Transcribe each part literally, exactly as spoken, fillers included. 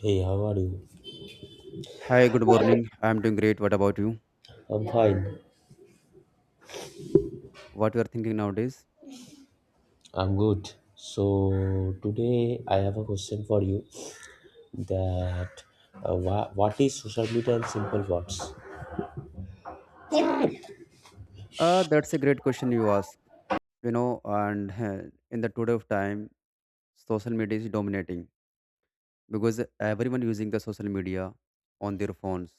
Hey, how are you? Hi, good morning. I'm doing great. What about you? I'm fine. What you are thinking nowadays? I'm good. So today I have a question for you that uh, wha- what is social media in simple words? Uh, that's a great question you ask. You know, and uh, in the today of time, social media is dominating because everyone using the social media on their phones,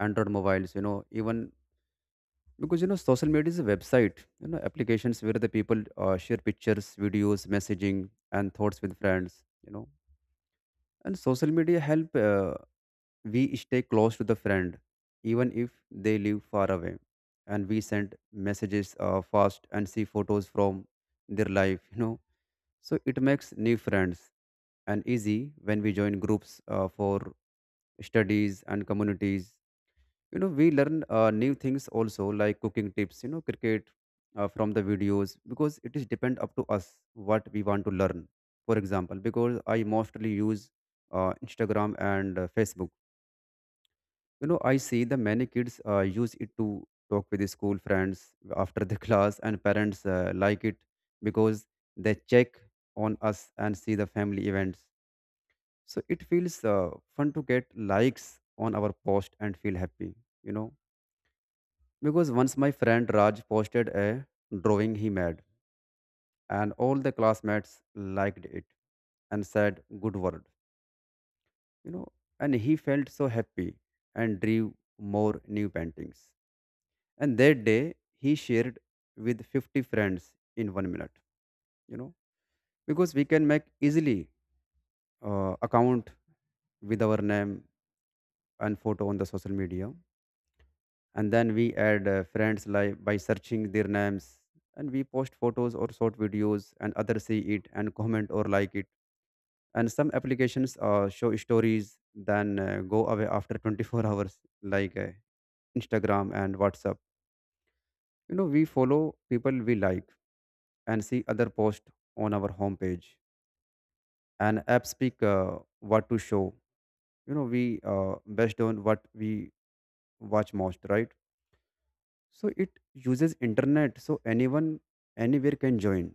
Android mobiles. You know, even because you know social media is a website. You know, applications where the people uh, share pictures, videos, messaging, and thoughts with friends. You know, and social media help. Uh, We stay close to the friend, even if they live far away, and we send messages uh, fast and see photos from their life. You know, so it makes new friends and easy when we join groups uh, for studies and communities. You know, we learn uh, new things also like cooking tips. You know, cricket uh, from the videos because it is depend up to us what we want to learn. For example, because I mostly use uh, Instagram and uh, Facebook, you know I see the many kids uh, use it to talk with the school friends after the class, and parents uh, like it because they check on us and see the family events. So it feels uh, fun to get likes on our post and feel happy you know because once my friend Raj posted a drawing he made, and all the classmates liked it and said good word you know and he felt so happy and drew more new paintings. And that day, he shared with fifty friends in one minute, you know, because we can make easily uh, account with our name and photo on the social media. And then we add uh, friends like by searching their names, and we post photos or short videos and others see it and comment or like it. And some applications uh, show stories then uh, go away after twenty-four hours like uh, Instagram and WhatsApp. You know, we follow people we like and see other post on our homepage, and apps pick uh, what to show. You know we uh, based on what we watch most, right? So it uses internet, so anyone anywhere can join,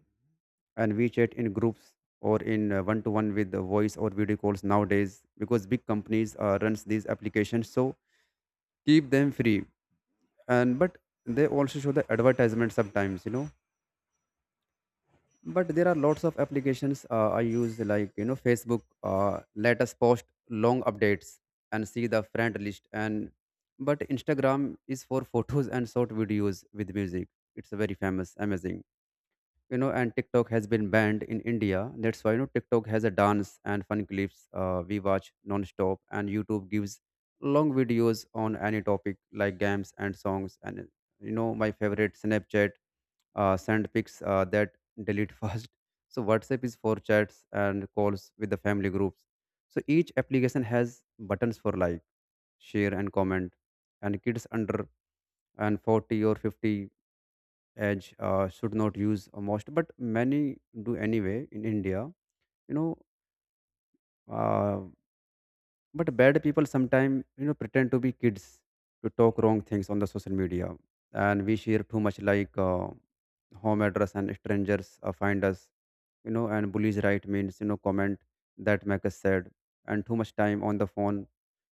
and we chat in groups or in one to one with the voice or video calls nowadays because big companies uh, runs these applications, so keep them free. And but they also show the advertisement sometimes you know but there are lots of applications uh, I use like. You know facebook uh, let us post long updates and see the friend list, and but Instagram is for photos and short videos with music. It's very famous, amazing you know and TikTok has been banned in India. That's why you know TikTok has a dance and fun clips uh, we watch non-stop, and YouTube gives long videos on any topic like games and songs, and you know my favorite Snapchat, uh, send pics uh, that delete fast. So WhatsApp is for chats and calls with the family groups. So each application has buttons for like, share, and comment. And kids under and forty or fifty age uh, should not use most, but many do anyway in India. You know, uh, but bad people sometimes you know pretend to be kids to talk wrong things on the social media, and we share too much like. Uh, home address and strangers uh, find us, you know and bullies, right, means you know comment that make us sad, and too much time on the phone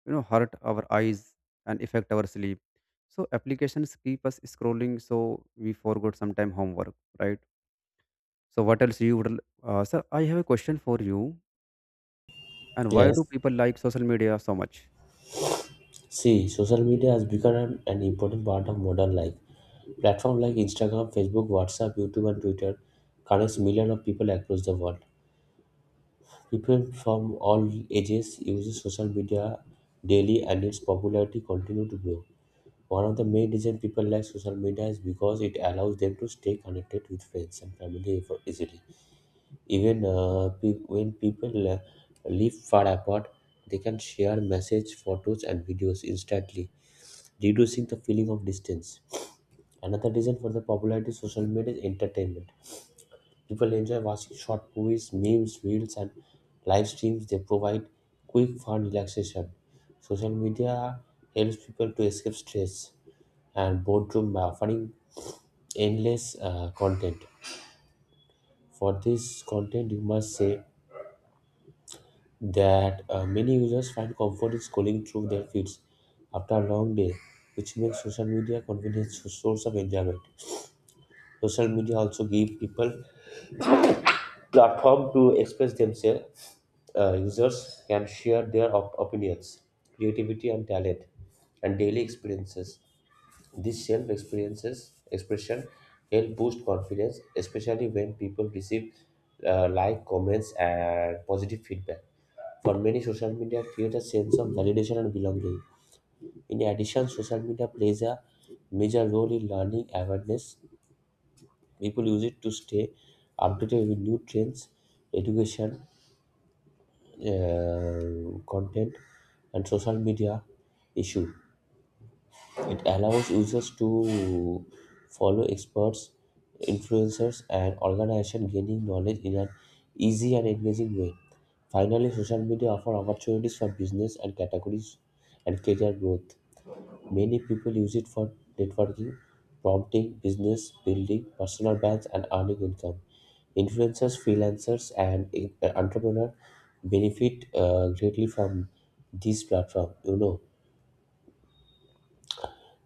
you know hurt our eyes and affect our sleep, so applications keep us scrolling, so we forgot sometime homework, right? So what else you would, uh, sir, I have a question for you, and why do Yes. people like social media so much? See, social media has become an, an important part of modern life. Platforms like Instagram, Facebook, WhatsApp, YouTube, and Twitter connects millions of people across the world. People from all ages use social media daily, and its popularity continues to grow. One of the main reasons people like social media is because it allows them to stay connected with friends and family ev- easily. Even uh, pe- when people uh, live far apart, they can share message, photos, and videos instantly, reducing the feeling of distance. Another reason for the popularity of social media is entertainment. People enjoy watching short movies, memes, reels, and live streams. They provide quick, fun relaxation. Social media helps people to escape stress and boredom by offering endless uh, content. For this content, you must say that uh, many users find comfort in scrolling through their feeds after a long day, which makes social media convenient so- source of enjoyment. Social media also give people platform to express themselves. Uh, users can share their op- opinions, creativity, and talent, and daily experiences. This self experiences expression help boost confidence, especially when people receive uh, like comments and positive feedback. For many, social media creates a sense of validation and belonging. In addition, social media plays a major role in learning awareness. People use it to stay updated with new trends, education, uh, content, and social media issue. It allows users to follow experts, influencers, and organizations gaining knowledge in an easy and engaging way. Finally, social media offers opportunities for business and categories and career growth. Many people use it for networking, prompting, business building, personal brands, and earning income. Influencers, freelancers, and eh, entrepreneurs benefit uh, greatly from this platform. You know,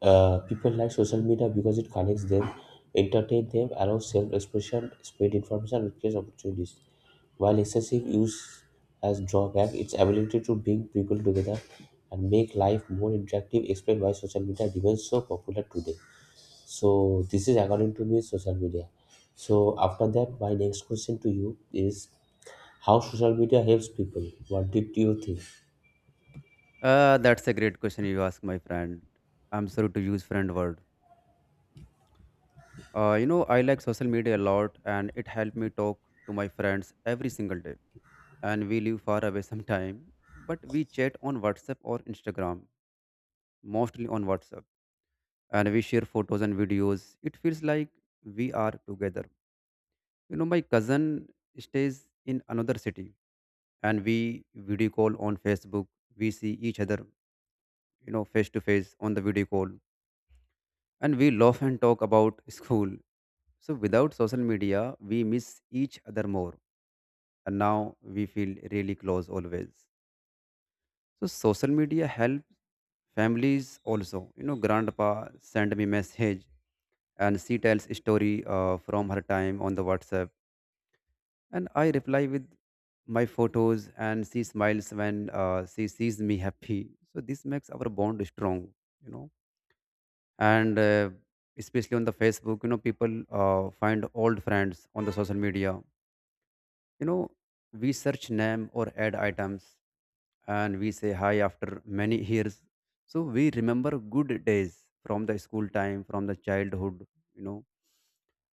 uh, People like social media because it connects them, entertains them, allows self-expression, spread information, and creates opportunities. While excessive use has drawback, its ability to bring people together and make life more interactive explain why social media remains so popular today. So this is according to me social media. So after that, my next question to you is how social media helps people. What did you think? Uh, that's a great question you ask, my friend. I'm sorry to use friend word. Uh, you know, I like social media a lot, and it helped me talk to my friends every single day. And we live far away sometime, but we chat on WhatsApp or Instagram, mostly on WhatsApp. And we share photos and videos. It feels like we are together. You know, my cousin stays in another city, and we video call on Facebook. We see each other, you know, face to face on the video call. And we laugh and talk about school. So without social media, we miss each other more, and now we feel really close always. So social media helps families also. You know, grandpa send me message, and she tells story uh, from her time on the WhatsApp, and I reply with my photos, and she smiles when uh, she sees me happy. So this makes our bond strong. You know, and uh, Especially on the Facebook, you know, people uh, find old friends on the social media. You know, we search name or add items, and we say hi after many years. So we remember good days from the school time, from the childhood, you know,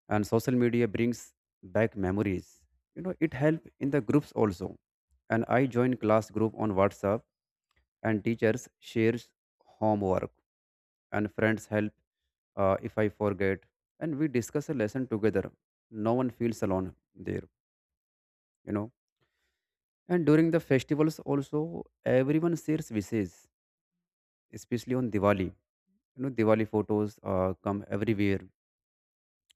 and social media brings back memories. You know, it helps in the groups also. And I join class group on WhatsApp, and teachers shares homework, and friends help uh, if I forget, and we discuss a lesson together. No one feels alone there, you know and during the festivals also, everyone shares wishes, especially on Diwali. You know, Diwali photos uh, come everywhere,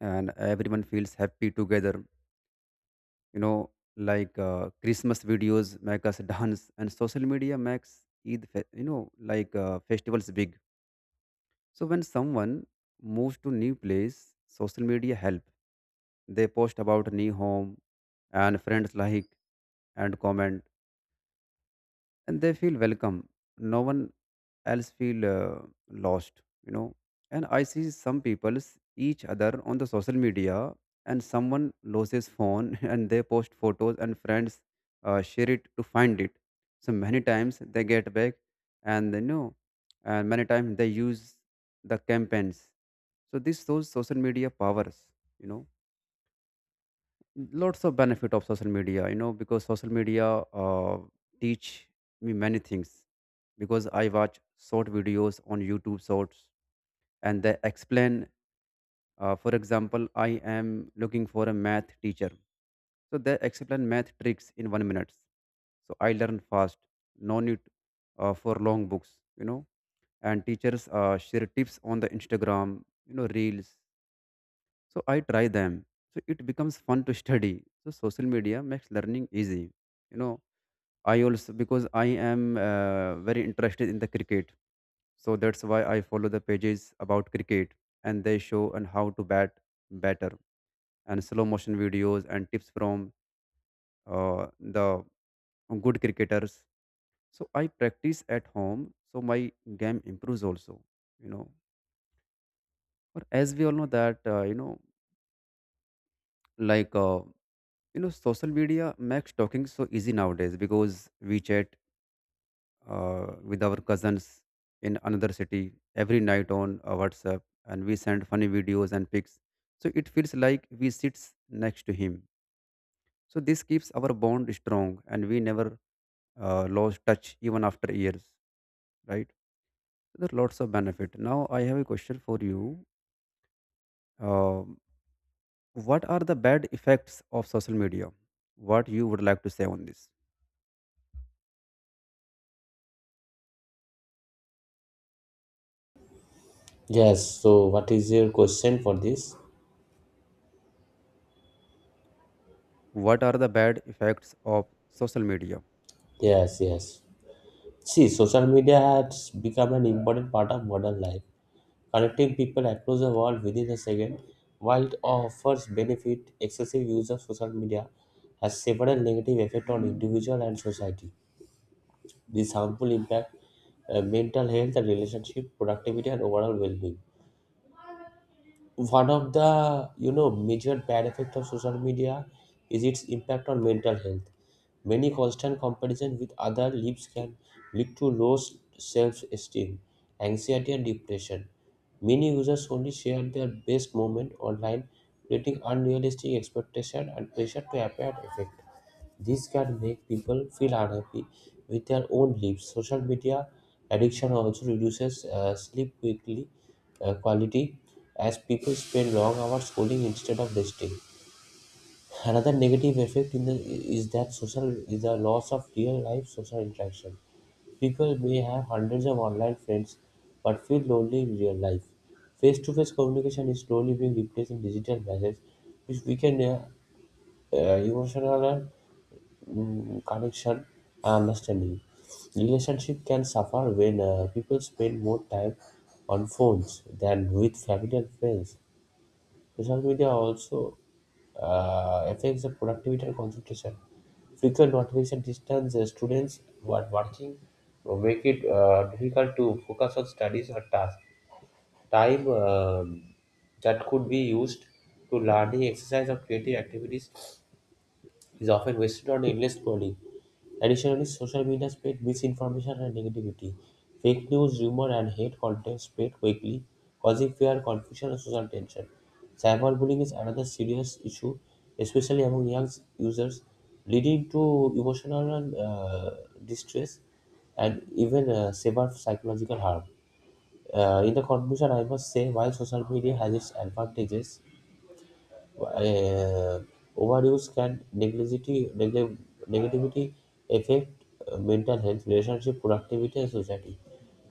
and everyone feels happy together. You know, like uh, Christmas videos make us dance, and social media makes Eid, fe- you know, like uh, festivals big. So when someone moves to new place, social media help. They post about new home, and friends like and comment, and they feel welcome. No one else feel uh, lost, you know. And I see some people s- each other on the social media, and someone loses phone, and they post photos, and friends uh, share it to find it. So many times they get back, and they know, and many times they use the campaigns. So this shows social media powers, you know lots of benefit of social media you know because social media uh, teach me many things, because I watch short videos on YouTube shorts, and they explain. Uh, for example, I am looking for a math teacher, so they explain math tricks in one minute, so I learn fast. No need uh, for long books you know and teachers uh, share tips on the Instagram, you know reels, so I try them. So it becomes fun to study. So social media makes learning easy. You know, I also because I am uh, very interested in the cricket. So that's why I follow the pages about cricket, and they show and how to bat better, and slow motion videos and tips from uh, the good cricketers. So I practice at home. So my game improves also. You know, or as we all know that uh, you know like uh, You know, social media makes talking so easy nowadays, because we chat uh, with our cousins in another city every night on uh, WhatsApp, and we send funny videos and pics. So it feels like we sit next to him. So this keeps our bond strong, and we never uh, lost touch even after years, right? There are lots of benefit. Now I have a question for you. Um what are the bad effects of social media? What you would like to say on this? Yes. So what is your question for this? What are the bad effects of social media? Yes. Yes. See, social media has become an important part of modern life, connecting people across the world within a second. While it offers benefit, excessive use of social media has several negative effects on individual and society. These harmful impact uh, mental health and relationship, productivity, and overall well-being. One of the you know major bad effect of social media is its impact on mental health. Many constant comparison with other lives can lead to low self-esteem, anxiety, and depression. Many users only share their best moment online, creating unrealistic expectation and pressure to appear perfect. This can make people feel unhappy with their own lives. Social media addiction also reduces uh, sleep quickly uh, quality as people spend long hours scrolling instead of resting. Another negative effect in the, is that social is the loss of real life social interaction. People may have hundreds of online friends, but feel lonely in real life. Face to face communication is slowly being replaced in digital messages, which weaken uh, uh, emotional uh, connection and understanding. Relationship can suffer when uh, people spend more time on phones than with family and friends. Social media also uh, affects the productivity and concentration. Frequent notification distance uh, students while watching uh, make it uh, difficult to focus on studies or tasks. Time um, that could be used to learning, exercise, or creative activities is often wasted on endless scrolling. Additionally, social media spreads misinformation and negativity. Fake news, rumor, and hate content spread quickly, causing fear, confusion, and social tension. Cyberbullying is another serious issue, especially among young users, leading to emotional and, uh, distress and even uh, severe psychological harm. Uh, in the conclusion, I must say while social media has its advantages, uh, overdose can negativity, neg- negativity affect uh, mental health, relationship, productivity, and society.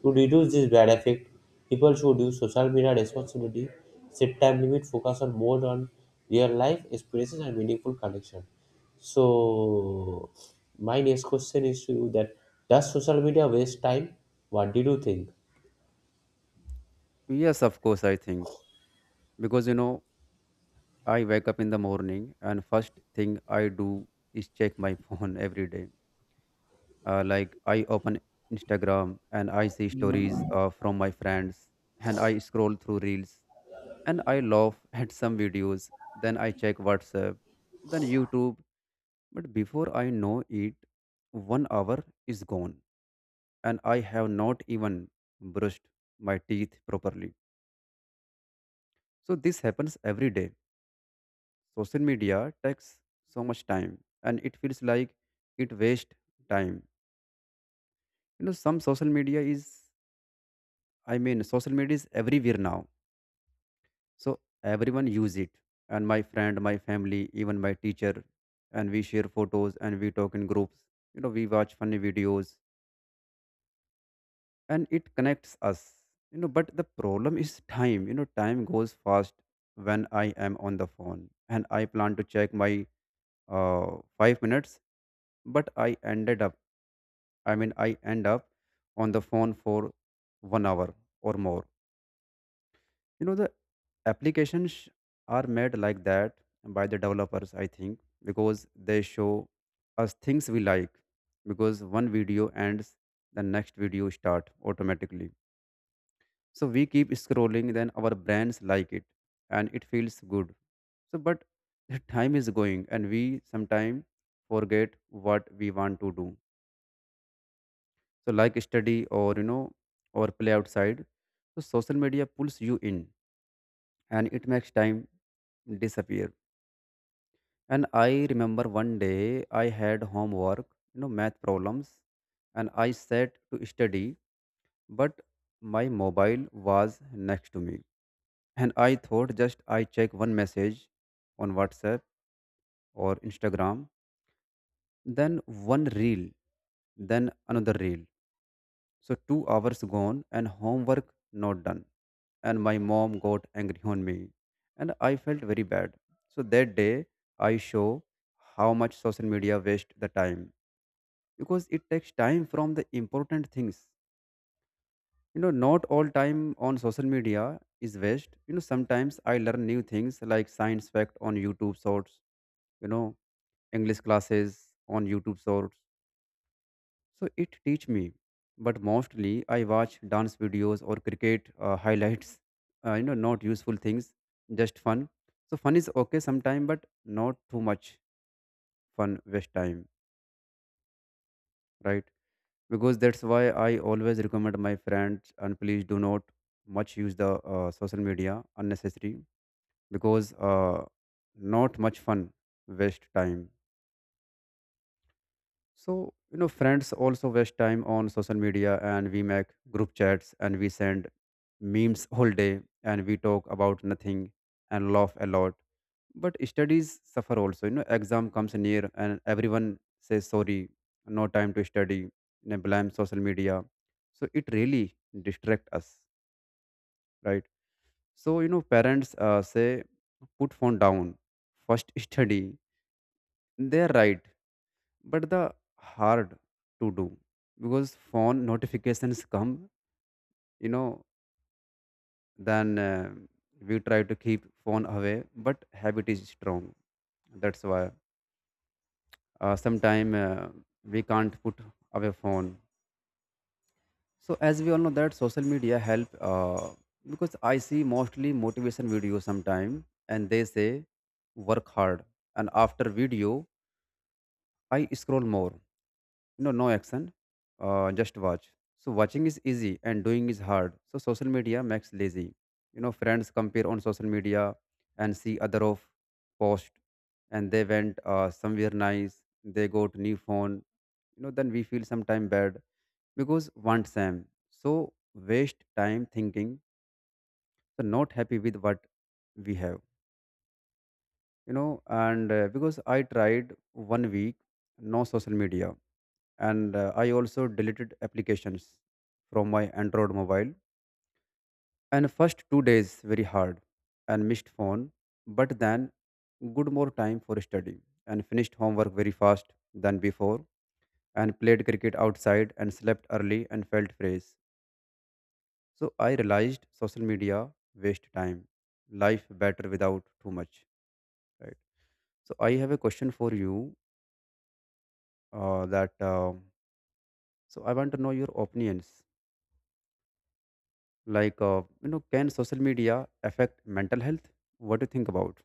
To reduce this bad effect, people should use social media responsibility, set time limit, focus on more on real life experiences and meaningful connection. So, my next question is to you that does social media waste time? What did you think? Yes, of course, I think. Because you know I wake up in the morning, and first thing I do is check my phone every day. Uh, like, I open Instagram and I see stories uh, from my friends, and I scroll through reels, and I laugh at some videos. Then I check WhatsApp, then YouTube. But before I know it, one hour is gone, and I have not even brushed my teeth properly. So this happens every day. Social media takes so much time, and it feels like it wastes time. You know, some social media is, I mean, social media is everywhere now. So everyone use it. And my friend, my family, even my teacher, and we share photos and we talk in groups. You know, we watch funny videos, and it connects us. You know, but the problem is time. You know, time goes fast when I am on the phone and I plan to check my uh, five minutes, but i ended up i mean I end up on the phone for one hour or more. You know, the applications sh- are made like that by the developers, I think, because they show us things we like. Because one video ends, the next video start automatically, so we keep scrolling, then our brains like it and it feels good. So, but the time is going and we sometimes forget what we want to do, so like study or you know or play outside. So social media pulls you in and it makes time disappear. And I remember one day I had homework, you know math problems, and I sat to study, but my mobile was next to me, and I thought just I check one message on WhatsApp or Instagram, then one reel, then another reel. So two hours gone and homework not done. And my mom got angry on me and I felt very bad. So that day I show how much social media waste the time, because it takes time from the important things. You know, not all time on social media is waste. You know, sometimes I learn new things, like science fact on YouTube shorts, you know, English classes on YouTube shorts. So it teach me, but mostly I watch dance videos or cricket uh, highlights. Uh, you know, not useful things, just fun. So fun is okay sometime, but not too much fun waste time, right? Because that's why I always recommend my friends and please do not much use the uh, social media unnecessary, because uh, not much fun waste time. So, you know, friends also waste time on social media and we make group chats and we send memes whole day and we talk about nothing and laugh a lot. But studies suffer also. You know, exam comes near and everyone says sorry, no time to study, and blame social media. So it really distract us, right? So, you know, parents uh, say put phone down, first study. They're right, but the hard to do, because phone notifications come, you know then uh, we try to keep phone away, but habit is strong. That's why uh, sometime uh, we can't put away phone. So as we all know that social media help uh, because I see mostly motivation videos sometime and they say work hard. And after video I scroll more. No, no action. Uh, just watch. So watching is easy and doing is hard. So social media makes lazy. You know, friends compare on social media and see other of post, and they went uh, somewhere nice. They got new phone. You know, then we feel sometime bad because want same. So waste time thinking. So not happy with what we have, you know and uh, because I tried one week no social media. And uh, I also deleted applications from my Android mobile, and first two days very hard and missed phone. But then good, more time for study, and finished homework very fast than before, and played cricket outside and slept early and felt fresh. So I realized social media waste time. Life better without too much, right? So I have a question for you, uh, that um, so I want to know your opinions, like uh, you know can social media affect mental health? What do you think about?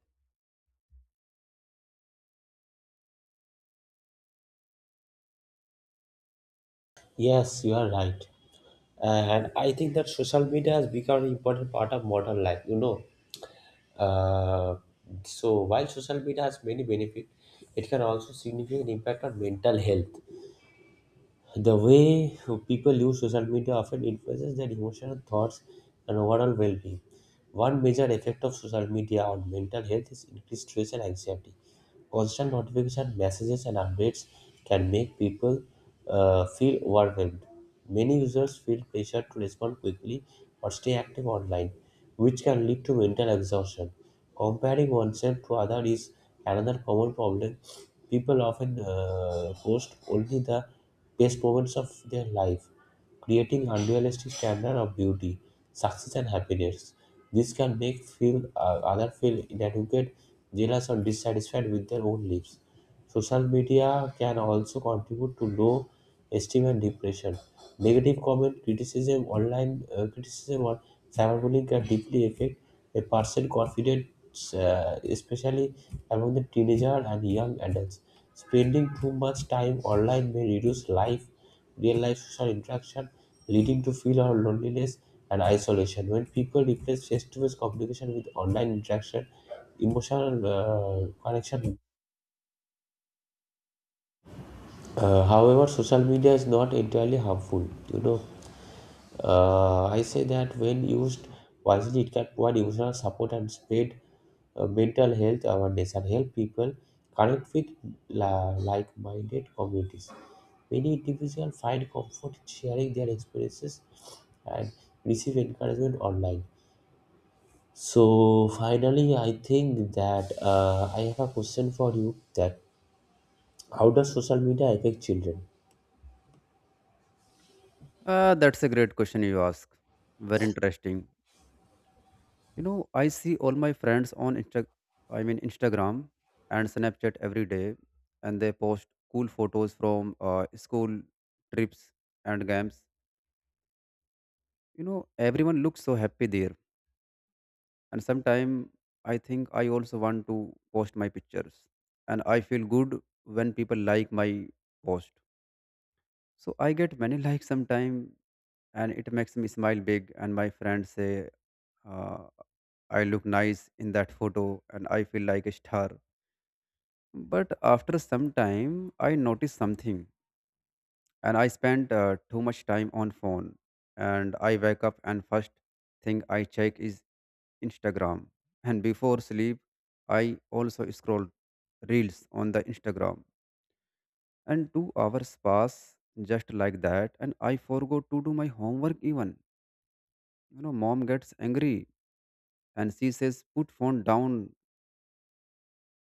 Yes, you are right. And I think that social media has become an important part of modern life, you know. Uh, so while social media has many benefits, it can also significant impact on mental health. The way people use social media often influences their emotional thoughts and overall well being. One major effect of social media on mental health is increased stress and anxiety. Constant notification, messages, and updates can make people uh, feel overwhelmed. Many users feel pressure to respond quickly or stay active online, which can lead to mental exhaustion. Comparing oneself to others is another common problem. People often uh, post only the best moments of their life, creating unrealistic standard of beauty, success, and happiness. This can make feel uh, other feel inadequate, jealous, or dissatisfied with their own lives. Social media can also contribute to low esteem and depression. Negative comment, criticism, online uh, criticism, or cyberbullying can deeply affect a person confidence, uh, especially among the teenager and young adults. Spending too much time online may reduce life, real life social interaction, leading to feel of loneliness and isolation. When people replace face-to-face communication with online interaction, emotional uh, connection. Uh, however, social media is not entirely harmful. You know, Uh, I say that when used wisely, it can provide emotional support and spread uh, mental health awareness and help people connect with la- like-minded communities. Many individuals find comfort in sharing their experiences and receive encouragement online. So finally, I think that uh, I have a question for you: that how does social media affect children? Uh, that's a great question you ask. Very interesting. you know I see all my friends on Insta- i mean instagram and Snapchat every day, and they post cool photos from uh, school trips and games. You know everyone looks so happy there. And sometimes I think I also want to post my pictures, and I feel good when people like my post. So I get many likes sometimes, and it makes me smile big. And my friends say uh, I look nice in that photo, and I feel like a star. But after some time I notice something, and I spend uh, too much time on phone. And I wake up and first thing I check is Instagram, and before sleep I also scroll reels on the Instagram. And two hours pass just like that, and I forgot to do my homework even, you know mom gets angry. And she says put phone down,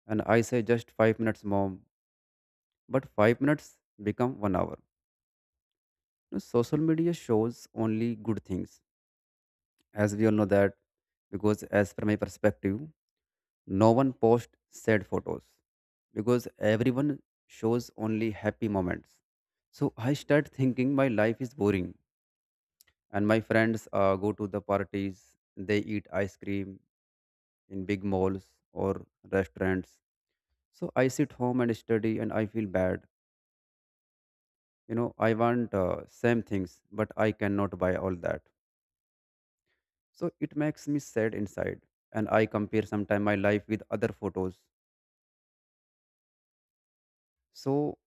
and I say just five minutes, mom, but five minutes become one hour. You know, social media shows only good things, as we all know that. Because as per my perspective, no one posts sad photos, because everyone shows only happy moments. So I start thinking my life is boring, and my friends uh, go to the parties, they eat ice cream in big malls or restaurants. So I sit home and study, and I feel bad. you know I want uh, same things, but I cannot buy all that. So it makes me sad inside. And I compare sometime my life with other photos. So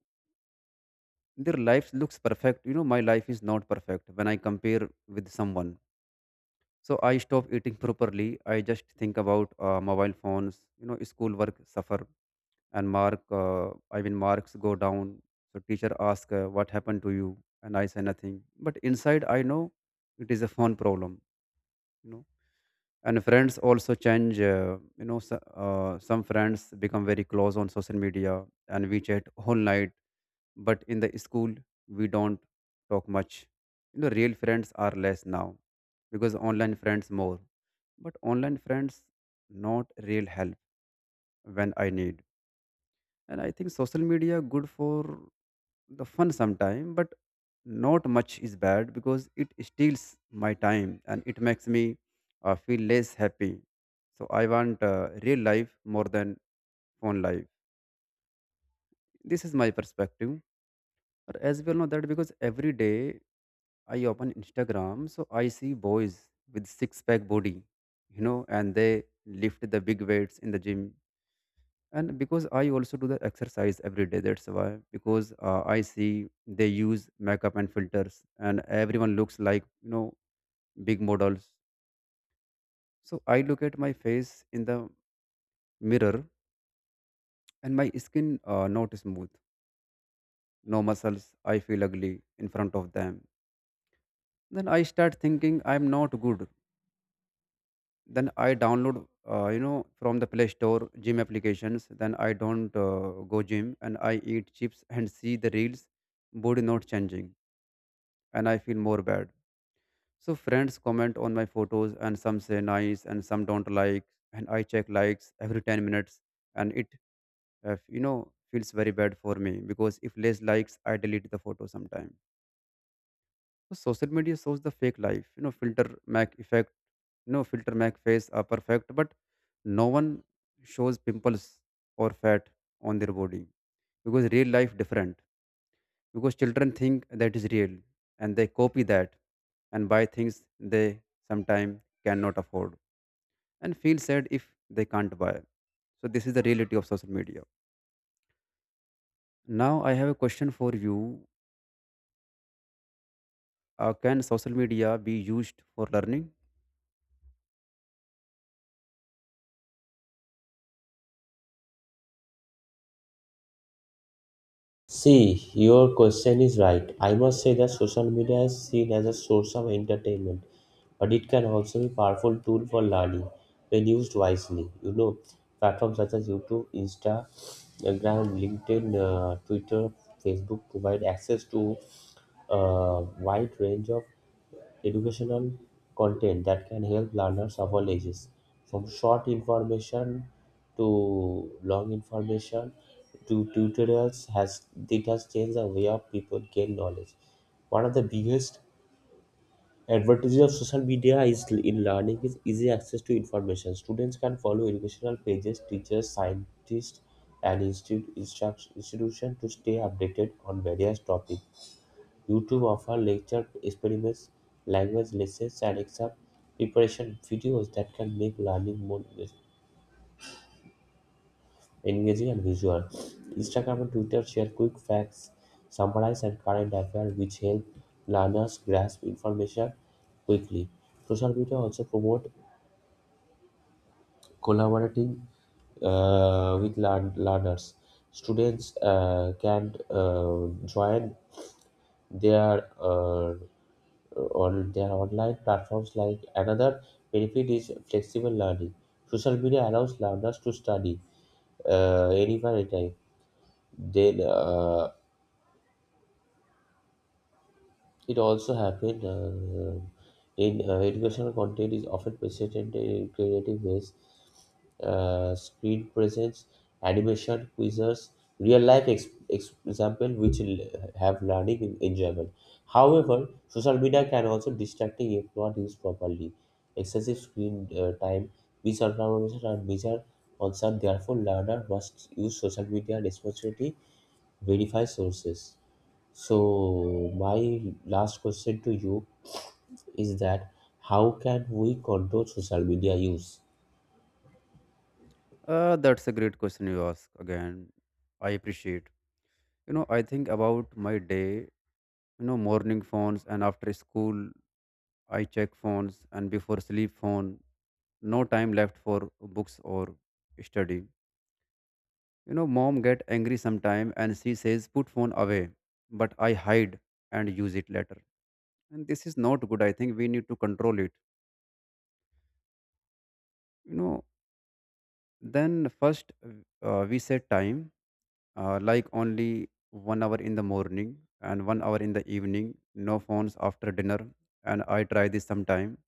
their life looks perfect, you know my life is not perfect when I compare with someone. So I stop eating properly, I just think about uh, mobile phones. You know school work suffer and mark uh, i mean marks go down. So teacher ask uh, what happened to you, and I say nothing, but inside I know it is a phone problem. you know and friends also change, uh, you know so, uh, some friends become very close on social media and we chat whole night, but in the school we don't talk much. You know real friends are less now, because online friends more. But online friends not real help when I need. And I think social media good for the fun sometime, but not much is bad, because it steals my time and it makes me uh, feel less happy. So I want uh, real life more than phone life. This is my perspective. But as well know that, because every day I open Instagram, so I see boys with six pack body, you know and they lift the big weights in the gym. And because I also do the exercise every day, that's why, because uh, I see they use makeup and filters, and everyone looks like, you know big models. So I look at my face in the mirror, and my skin, uh, not smooth, no muscles, I feel ugly in front of them. Then I start thinking I'm not good. Then I download, uh, you know from the Play Store gym applications, then I don't uh, go gym, and I eat chips and see the reels. Body not changing, and I feel more bad. So friends comment on my photos, and some say nice and some don't like. And I check likes every ten minutes, and it, uh, you know feels very bad for me, because if less likes I delete the photo sometime. So social media shows the fake life, you know filter mac effect, you know filter mac face are perfect, but no one shows pimples or fat on their body, because real life different, because children think that is real and they copy that and buy things they sometimes cannot afford and feel sad if they can't buy. So this is the reality of social media. Now I have a question for you. Uh, can social media be used for learning? See, your question is right. I must say that social media is seen as a source of entertainment, but it can also be a powerful tool for learning when used wisely. You know, platforms such as YouTube, Instagram, LinkedIn, uh, Twitter, Facebook provide access to a wide range of educational content that can help learners of all ages, from short information to long information to tutorials has it has changed the way of people gain knowledge. One of the biggest advantages of social media is in learning is easy access to information. Students can follow educational pages, teachers, scientists, and institute instruct, institution to stay updated on various topics. YouTube offers lecture experiments, language lessons, and exam preparation videos that can make learning more engage- engaging and visual. Instagram and Twitter share quick facts, summarize, and current affairs, which help learners grasp information quickly. Social media also promote collaborating uh, with learn- learners. Students uh, can uh, join their uh, on their online platforms like another benefit is flexible learning. Social media allows learners to study uh, anywhere anytime. Then uh, it also happened uh, in uh, educational content is often presented in creative ways uh, screen presence, animation, quizzes, real life ex- ex- example which will have learning en- enjoyable. However, social media can also distracting if not used properly. Excessive screen uh, time, misinformation, and major concern. Therefore, learner must use social media responsibly, verify sources. So, my last question to you is that how can we control social media use? Uh, that's a great question you ask again. I appreciate. You know, I think about my day, you know, morning phones, and after school I check phones, and before sleep phone. No time left for books or study. You know, mom get angry sometime, and she says put phone away, but I hide and use it later. And this is not good. I think we need to control it. You know, then first uh, we set time uh, like only one hour in the morning and one hour in the evening. No phones after dinner. And I try this sometime,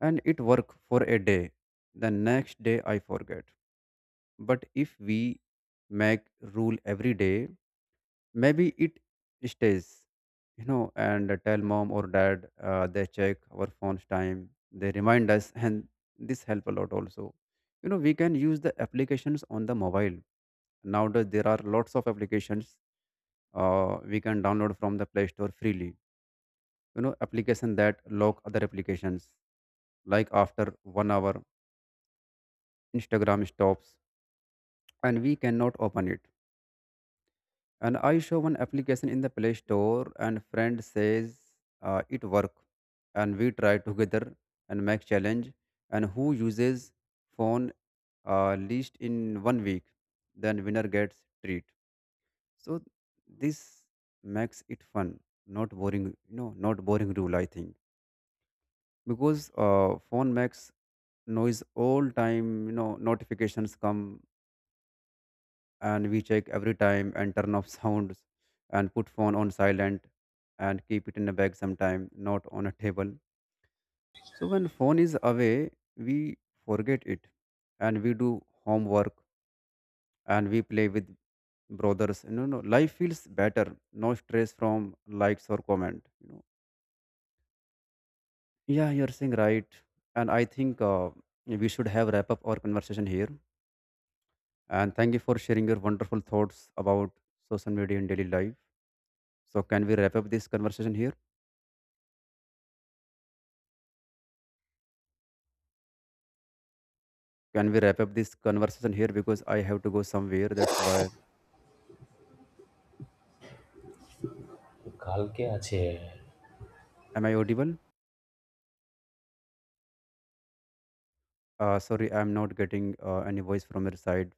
and it work for a day. The next day I forget. But if we make rule every day, maybe it stays, you know, and tell mom or dad uh, they check our phone's time, they remind us, and this help a lot also. You know, we can use the applications on the mobile. Nowadays, there are lots of applications uh, we can download from the Play Store freely. You know, application that lock other applications, like after one hour, Instagram stops and we cannot open it. And I show one application in the Play Store, and friend says uh, it work, and we try together and make challenge, and who uses phone uh, least in one week, then winner gets treat. So this makes it fun, not boring. You know, not boring rule, I think. Because uh, phone makes noise all time. You know, notifications come and we check every time, and turn off sounds and put phone on silent and keep it in a bag sometime, not on a table. So when phone is away, we forget it and we do homework and we play with brothers. You know no, life feels better, no stress from likes or comment you know Yeah, you're saying right. And I think uh, we should have wrap up our conversation here, and thank you for sharing your wonderful thoughts about social media in daily life. So can we wrap up this conversation here? Can we wrap up this conversation here? Because I have to go somewhere. That's why. কালকে আছে Am I audible? Uh, sorry, I'm not getting uh, any voice from your side.